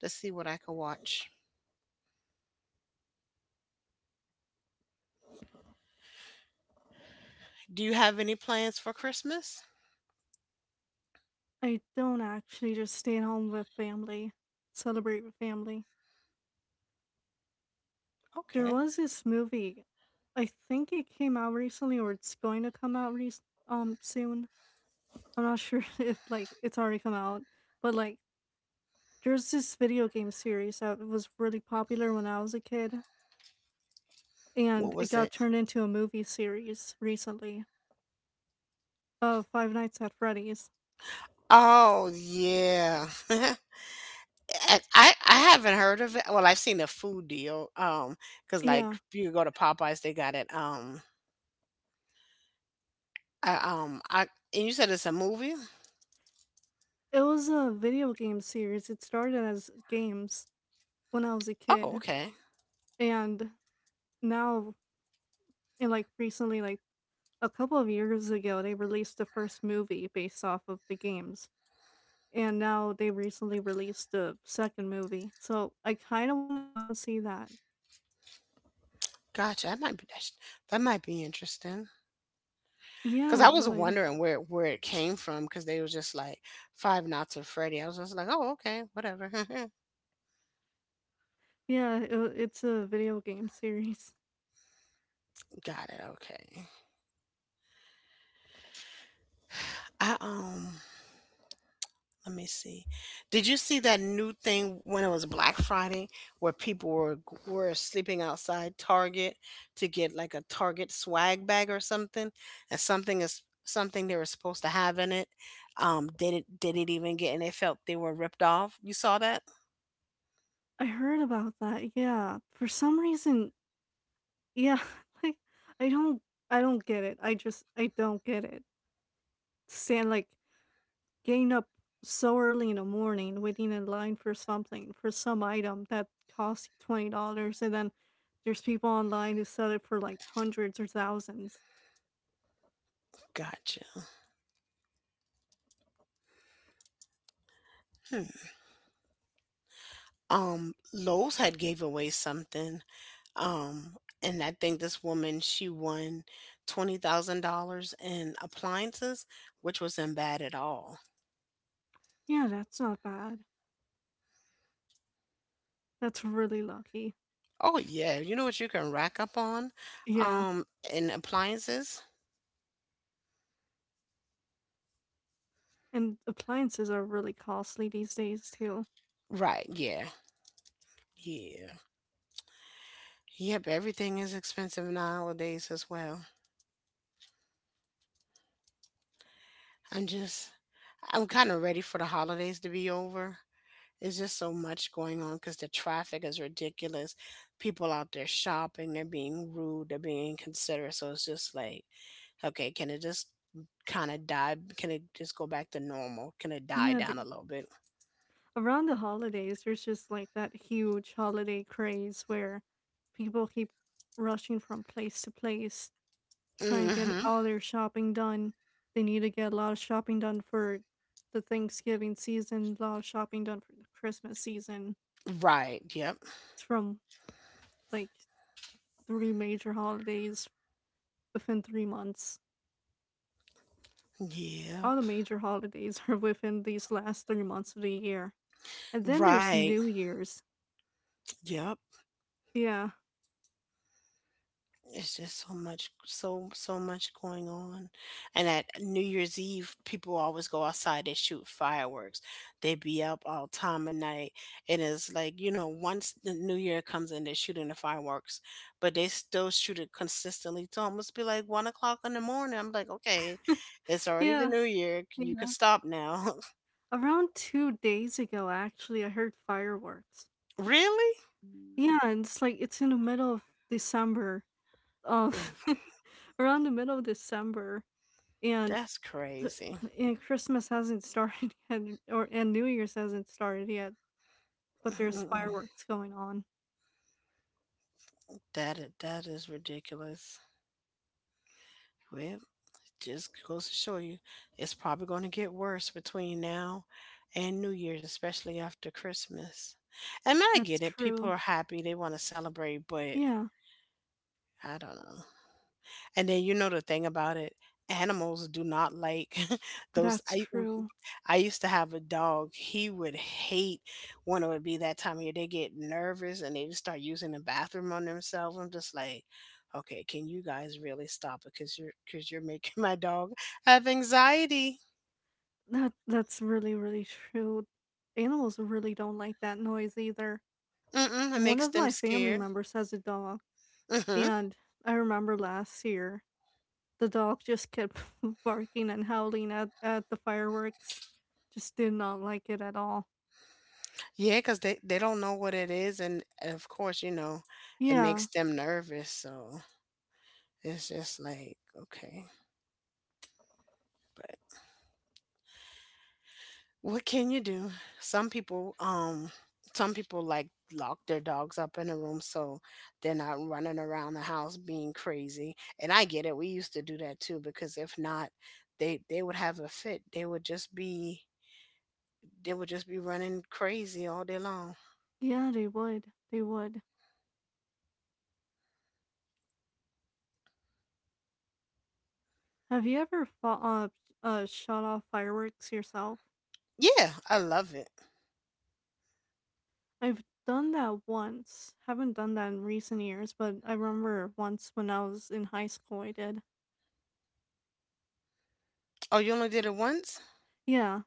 to see what I can watch. Do you have any plans for Christmas?
I don't actually just stay at home with family, celebrate with family. There
Okay.
was this movie. I think it came out recently or it's going to come out rec- um soon. I'm not sure if like it's already come out, but like there's this video game series that was really popular when I was a kid
What
and it
was
got
it?
turned into a movie series recently of Five Nights at Freddy's.
Oh, yeah. I I I haven't heard of it. Well, I've seen a food deal. Um, because like
Yeah.
you go to Popeyes, they got it. Um, I, um, I and you said it's a movie.
It was a video game series. It started as games when I was a
Oh,
kid
okay.
and now in like recently like a couple of years ago, they released the first movie based off of the games, and now they recently released the second movie. So I kind of want to go and see that.
Gotcha. That might be that, sh- that might be interesting.
Yeah,
Cause
it
I was
would.
wondering where where it came from. Cause they was just like Five Nights at Freddy. I was just like, oh, okay, whatever.
Yeah, it, it's a video game series.
Got it. Okay. I um Let me see. Did you see that new thing when it was Black Friday where people were were sleeping outside Target to get like a Target swag bag or something, and something is something they were supposed to have in it um didn't didn't even get and they felt they were ripped off. You saw that?
I heard about that. Yeah, for some reason, yeah, like I don't, I don't get it. I just, I don't get it. Stand like Getting up so early in the morning, waiting in line for something, for some item that costs you twenty dollars and then there's people online who sell it for like hundreds or thousands.
Gotcha. Hmm. Um Lowe's had gave away something um and I think this woman she won twenty thousand dollars in appliances, which wasn't bad at all.
Yeah, that's not bad. That's really lucky.
Oh yeah, you know what you can rack up on,
Yeah,
um, in appliances.
and appliances are really costly these days too.
Right? Yeah, yeah, yep. Everything is expensive nowadays as well. I'm just, I'm kind of ready for the holidays to be over. It's just so much going on because the traffic is ridiculous. People out there shopping, they're being rude, they're being inconsiderate. So it's just like, okay, can it just kind of die? Can it just go back to normal? Can it die
Yeah,
down
th-
a little bit?
Around the holidays, there's just like that huge holiday craze where people keep rushing from place to place trying to get
Mm-hmm.
all their shopping done. They need to get a lot of shopping done for the Thanksgiving season, a lot of shopping done for the Christmas season.
Right. Yep.
It's from like three major holidays within three months.
Yep.
All the major holidays are within these last three months of the year. And then there's
Right.
New Year's.
Yep.
Yeah.
It's just so much, so, so much going on. And at New Year's Eve, people always go outside, they shoot fireworks. They be up all time of night. It is like, you know, once the new year comes in, they're shooting the fireworks, but they still shoot it consistently. It's almost be like one o'clock in the morning. I'm like, okay, it's already the
Yeah.
new year. You can
Yeah.
stop now.
Around two days ago, actually, I heard fireworks.
Really?
Yeah, and it's like it's in the middle of December um
Ooh.
around the middle of December and
That's
th-
crazy.
and Christmas hasn't started yet or and New Year's hasn't started yet, but there's fireworks going on.
That i- that is ridiculous. Well, it just goes to show you, it's probably going to get worse between now and New Year's, especially after Christmas. And I
That's
get it. People
true.
are happy; they want to celebrate, but
Yeah,
I don't know. And then you know the thing about it, animals do not like those.
that's
I w-
true.
I used to have a dog. He would hate when it would be that time of year. They get nervous and they just start using the bathroom on themselves. I'm just like, okay, can you guys really stop it? Because you're because you're making my dog have anxiety.
That that's really really true. Animals really don't like that noise either.
Mm-mm, it
One
makes
of
them
my family
scared.
members has a dog
Mm hmm.
and I remember last year the dog just kept barking and howling at, at the fireworks. Just did not like it at all.
Yeah, because they they don't know what it is, and of course, you know, it makes
Yeah,
them nervous. So it's just like okay, but. What can you do? Some people, um, some people like lock their dogs up in a room so they're not running around the house being crazy. And I get it. We used to do that too because if not, they they would have a fit. They would just be they would just be running crazy all day long.
yeah, they would. They would. Have you ever fo- uh, uh, shot off fireworks yourself?
Yeah, I love it.
I've done that once. Haven't done that in recent years, but I remember once when I was in high school, I did.
Oh, you only did it once?
Yeah.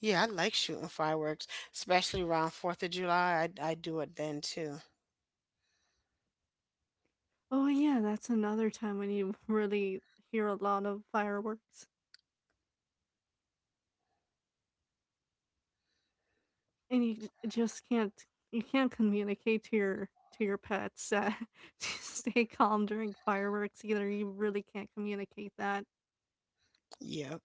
Yeah, I like shooting fireworks, especially around fourth of July. I I do it then too.
Oh, yeah, that's another time when you really hear a lot of fireworks, and you j- just can't, you can't communicate to your to your pets that, to stay calm during fireworks either. You really can't communicate that.
Yeah.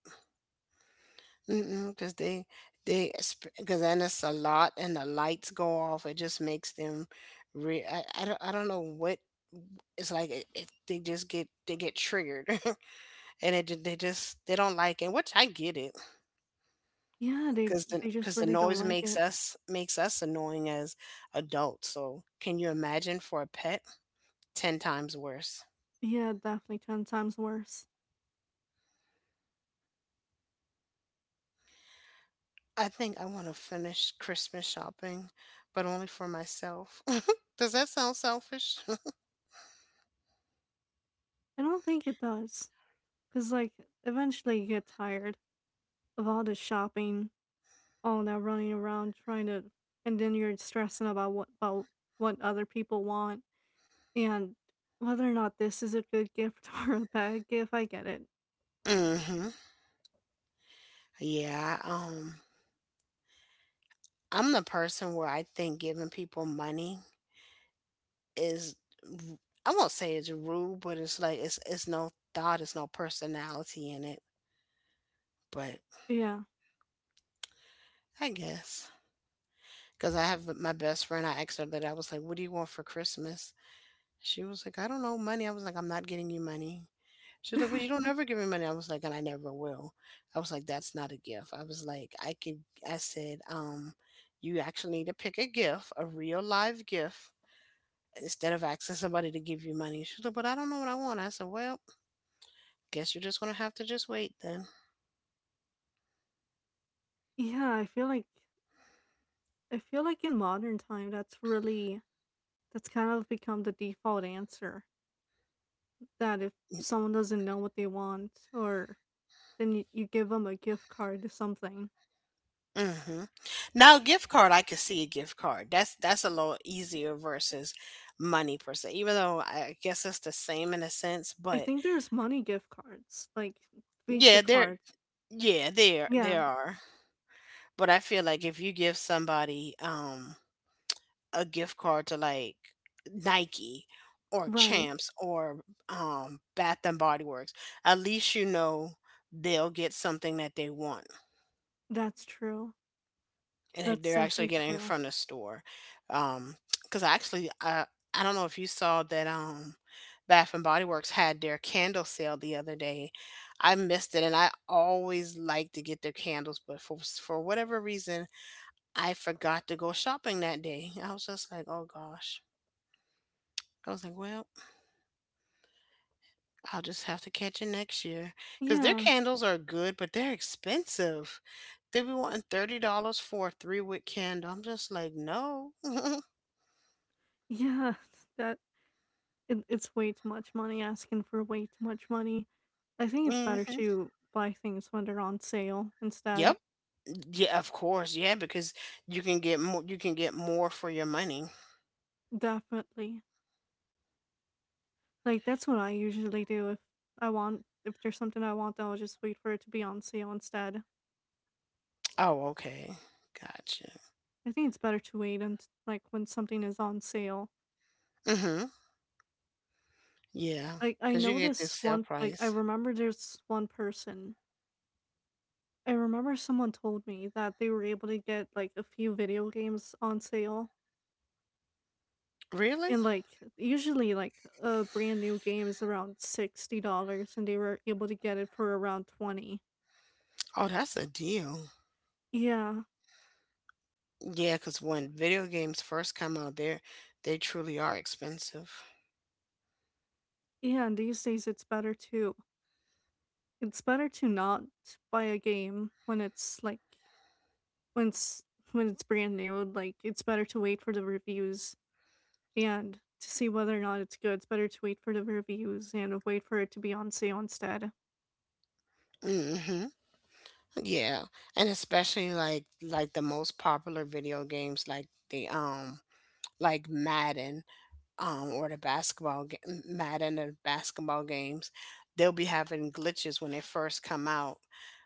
Because they they because then it's a lot and the lights go off. It just makes them re. I, I don't I don't know what it's like. It, it, they just get they get triggered, and it ju- they just they don't like it. Which I get it
Yeah, they
because the
they just
because the
really don't
noise
like
makes
it.
us makes us annoying as adults. So can you imagine for a pet ten times worse?
Yeah, definitely ten times worse.
I think I want to finish Christmas shopping, but only for myself. Does that sound selfish?
I don't think it does. Because, like, eventually you get tired of all the shopping, all that running around trying to, and then you're stressing about what, about what other people want, and whether or not this is a good gift or a bad gift. I get it.
Hmm. Yeah, um, I'm the person where I think giving people money is r- I won't say it's rude, but it's like it's it's no thought, it's no personality in it. But
Yeah.
I guess because I have my best friend, I asked her that I was like, "What do you want for Christmas?" She was like, "I don't know, money." I was like, "I'm not getting you money." She was like, "Well, you don't ever give me money." I was like, "And I never will." I was like, "That's not a gift." I was like, "I could," I said, um, "You actually need to pick a gift, a real live gift," instead of asking somebody to give you money. She's like, but I don't know what I want. I said, well, guess you're just going to have to just wait then.
Yeah, I feel like, I feel like in modern time, that's really, that's kind of become the default answer that if
Mm.
someone doesn't know what they want, or then you, you give them a gift card to something.
Mm-hmm. Now, gift card, I could see a gift card. That's that's a little easier versus money per se. Even though I guess it's the same in a sense,
I
but
think there's money gift cards, like Visa
yeah, there,
cards.
yeah, there,
Yeah,
there are. But I feel like if you give somebody, um, a gift card to like Nike or
right.
Champs or um, Bath and Body Works, at least you know they'll get something that they want
That's true.
and that
That's
they're actually
definitely
getting
true.
from the store. Um, because actually, I I don't know if you saw that um, Bath and Body Works had their candle sale the other day. I missed it, and I always like to get their candles, but for for whatever reason, I forgot to go shopping that day. I was just like, oh gosh. I was like, well, I'll just have to catch it next year because their
Yeah,
candles are good, but they're expensive. They be wanting thirty dollars for a three wick candle. I'm just like, no.
yeah. That it, it's way too much money, asking for way too much money. I think it's better
Hmm.
to buy things when they're on sale instead.
Yep. Yeah, of course. Yeah, because you can get more. You can get more for your money.
Definitely. Like that's what I usually do. If I want if there's something I want, then I'll just wait for it to be on sale instead.
Oh, okay. Gotcha.
I think it's better to wait and, like, when something is on sale.
Mm-hmm. Yeah,
Like, I
because you
know
get this
this
sale
one like, I
price.
remember there's one person, I remember someone told me that they were able to get, like, a few video games on sale,
Really?
and, like, usually, like, a brand new game is around sixty dollars and they were able to get it for around twenty.
Oh, that's a deal.
Yeah.
Yeah, because when video games first come out, they are they truly are expensive.
Yeah, and these days it's better to, it's better to not buy a game when it's, like when it's when it's brand new. Like, it's better to wait for the reviews and to see whether or not it's good. It's better to wait for the reviews and wait for it to be on sale instead.
Hmm. Yeah, and especially like like the most popular video games, like the um like Madden, um or the basketball ga- Madden or basketball games, they'll be having glitches when they first come out,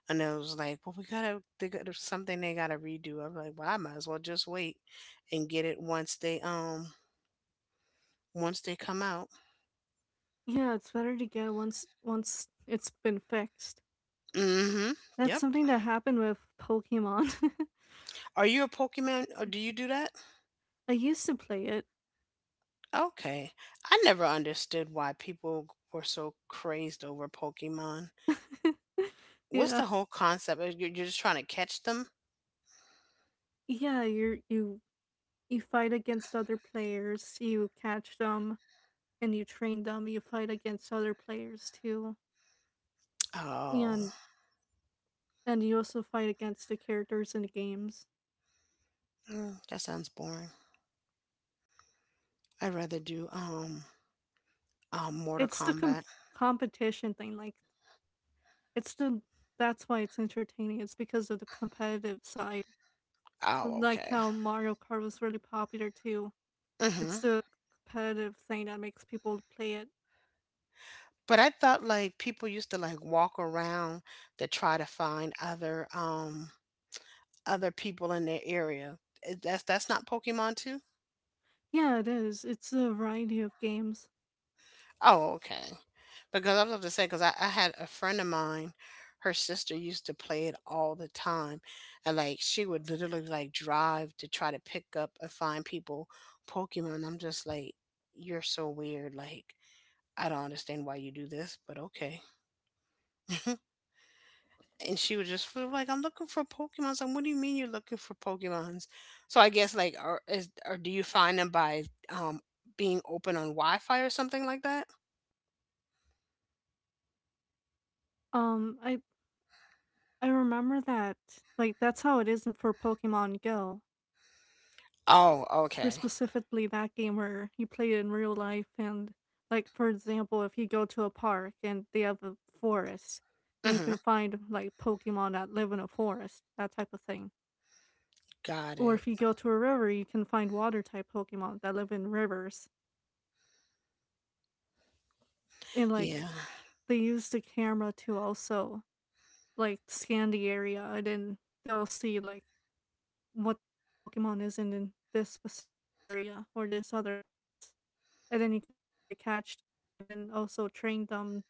and it was like, well, we gotta they got something they gotta redo. I'm like, well, I might as well just wait and get it once they um once they come out.
Yeah, it's better to get once once it's been fixed.
Mm-hmm.
That's
Yep.
something that happened with Pokemon.
Are you a Pokemon or do you do that?
I used to play
Okay. I never understood why people were so crazed over Pokemon.
it.
What's
Yeah.
the whole concept? Uh, You're you're just trying to catch them?
Yeah, you you you fight against other players, you catch them and you train them, you fight against other players too.
Oh,
And and you also fight against the characters in the games.
Mm, that sounds boring. I'd rather do um um Mortal
It's the com-
Kombat.
competition thing, like, It's the that's why it's entertaining. It's because of the competitive side.
Oh,
Like
okay.
how Mario Kart was really popular too. It's
hmm
the competitive thing that makes people play it.
But I thought like people used to like walk around to try to find other um other people in their area. Uh, That's that's not Pokemon too?
Yeah, it is. It's a variety of games.
Oh, okay. Because I was about to say, because I, I had a friend of mine, her sister used to play it all the time. And like she would literally like drive to try to pick up and find people Pokemon. I'm just like, you're so weird. Like, I don't understand why you do this, but okay. And she would just feel like, I'm looking for Pokemons. I'm, what do you mean you're looking for Pokemons? So I guess like, or, is, or do you find them by um, being open on Wi Fi or something like that?
Um, I I remember that. Like that's how it is in, for Pokemon Go.
Oh, okay.
For specifically that game where you play it in real life. And, like, for example, if you go to a park and they have a forest, then you can find, like, Pokemon that live in a forest, that type of thing.
Got
Or
it.
if you go to a river, you can find water type Pokemon that live in rivers. And like
Yeah.
they use the camera to also, like, scan the area, and then they'll see, like, what type of Pokemon is in in this specific area or this other place. And then you can try to catch them and then also train them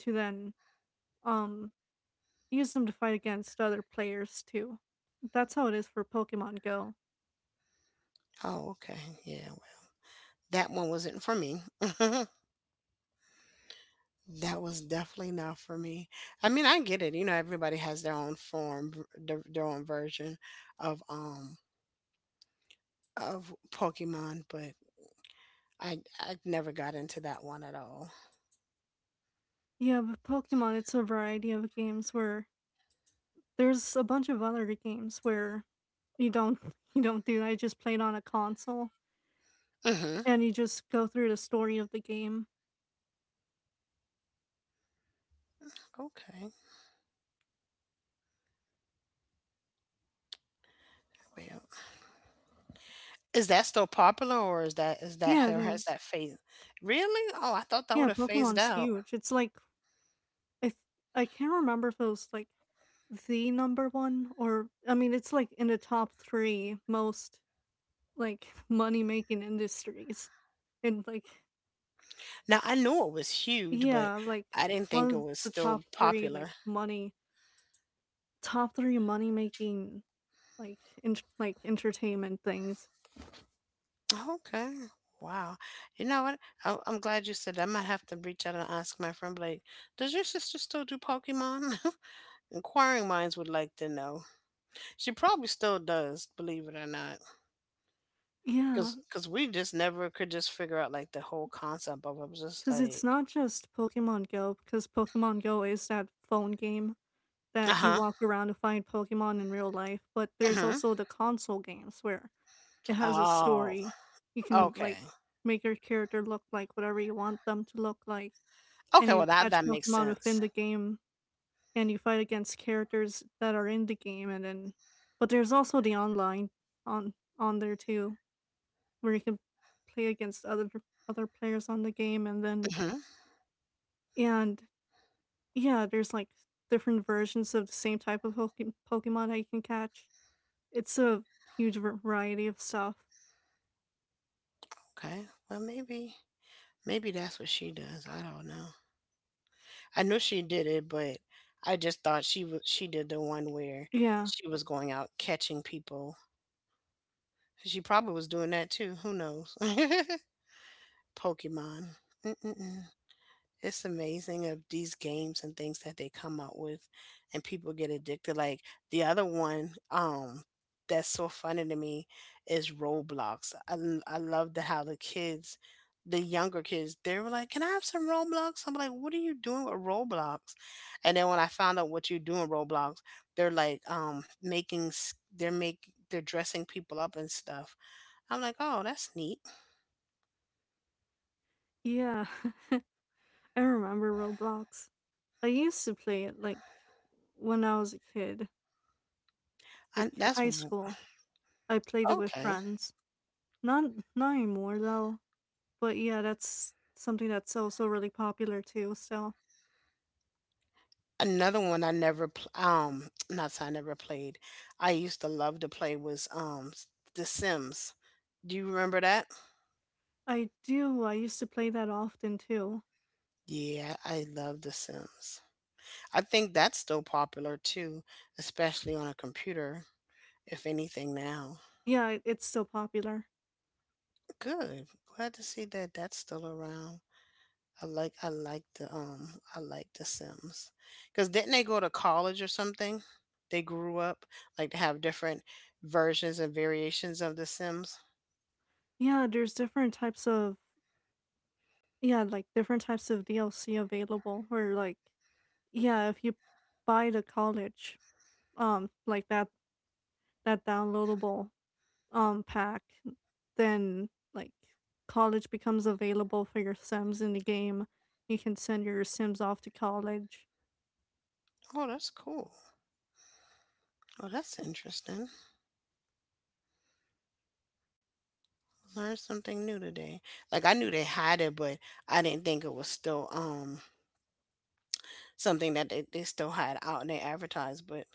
to then um use them to fight against other players too. That's how it is for Pokemon Go.
Oh, okay. Yeah. That one wasn't for me. That was definitely not for me. I mean, I get it. You know, everybody has their own form, v- their, their own version of um of Pokemon, but I I never got into that one at all.
Yeah, but Pokemon, it's a variety of games where there's a bunch of other games where you don't you don't do that, you just play it on a console,
Mhm.
and you just go through the story of the game.
Okay. Well, is that still popular or is that is that
Yeah, it
or has
is.
that phased? Really? Oh, I thought that
Yeah,
would have phased
Pokemon's
out.
huge. It's like, if I can't remember if it was like the number one, or I mean it's like in the top three most, like, money making industries. And like
Now, I knew it was huge, but
yeah, like
I didn't
one
think it
of
was
the
still
top three, like,
popular.
money top three money making, like, in, like entertainment things.
Okay. Wow. You know what? I- I'm glad you said that. I might have to reach out and ask my friend Blake, does your sister still do Pokemon? Inquiring minds would like to know. She probably still does, believe it or not. Because
Yeah, 'cause
cause 'cause we just never could just figure out like the whole concept of it. It was just like,
it's not just Pokemon Go, because Pokemon Go is that phone game
uh
that you
huh.
walk around to find Pokemon in real life, but there's
Hmm.
also the console games where it has a
Oh,
story. You can,
okay.
like, make your character look like whatever you want them to look like, and
Okay, well,
you
that, that
catch
makes
Pokemon within
sense.
the game, and you fight against characters that are in the game, and then, but there's also the online, on on there too, where you can play against other other players on the game, and then
Hmm.
and yeah, there's like different versions of the same type of Poke- Pokemon that you can catch. It's a huge var- variety of stuff.
Okay. Well, maybe, maybe that's what she does. I don't know. I knew she did it, but I just thought she was she did the one where
Yeah,
she was going out catching people. She probably was doing that too. Who knows? Pokemon. Mm-mm-mm. It's amazing of these games and things that they come up with and people get addicted. Like the other one, um, that's so funny to me is Roblox. I, l- I love the how the kids, the younger kids, they were like, "Can I have some Roblox?" I'm like, "What are you doing with Roblox?" And then when I found out what you do in Roblox, they're like um making s- they're make they're dressing people up and stuff. I'm like, oh, that's neat.
yeah. I remember Roblox. I used to play it like when I was a kid, like
I, that's
high
w-
school. I played it with
okay.
friends. Not not anymore though. But yeah, that's something that's also really popular too. So
Another one I never pl- um not say I never played. I used to love to play was um s- The Sims. Do you remember that?
I do. I used to play that often too.
Yeah, I love The Sims. I think that's still popular too, especially on a computer, if anything now.
Yeah, it- it's still popular.
Good. Glad to see that that's still around. I like I like the um I like The Sims. Cuz didn't they go to college or something? They grew up like to have different versions and variations of The Sims.
Yeah, there's different types of, yeah, like different types of D L C available where, like, yeah, if you buy the college um like that, that downloadable um pack, then, like, college becomes available for your Sims in the game. You can send your Sims off to college.
Oh, that's cool. Oh, that's interesting. Learned something new today. Like I knew they had it, but I didn't think it was still um something that they, they still had out and they advertised. But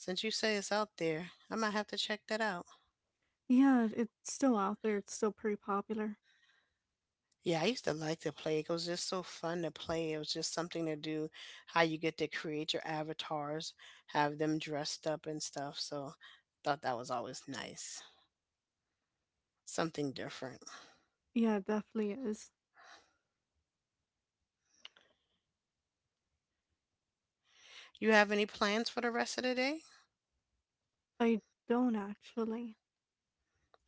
since you say it's out there, I might have to check that out.
Yeah, it's still out there. It's still pretty popular.
Yeah, I used to like to play. It was just so fun to play. It was just something to do. How you get to create your avatars, have them dressed up and stuff. So thought that was always nice. Something different.
Yeah, it definitely is.
You have any plans for the rest of the day?
I don't actually.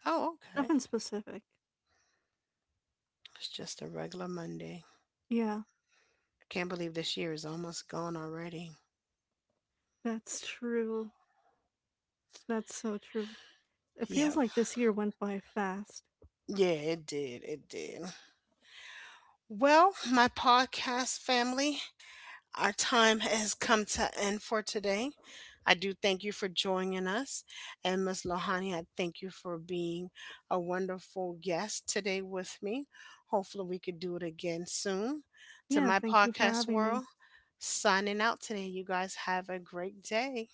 Oh, okay.
Nothing specific.
It's just a regular Monday.
Yeah,
I can't believe this year is almost gone already.
that's true. That's so true. It feels
Yep.
like this year went by fast.
Yeah, it did. It did. Well, my podcast family, our time has come to end for today. I do thank you for joining us. And Miss Lohani, I thank you for being a wonderful guest today with me. Hopefully, we could do it again soon. To
Yeah,
my
thank you for
podcast
having me.
world, signing out today. You guys have a great day.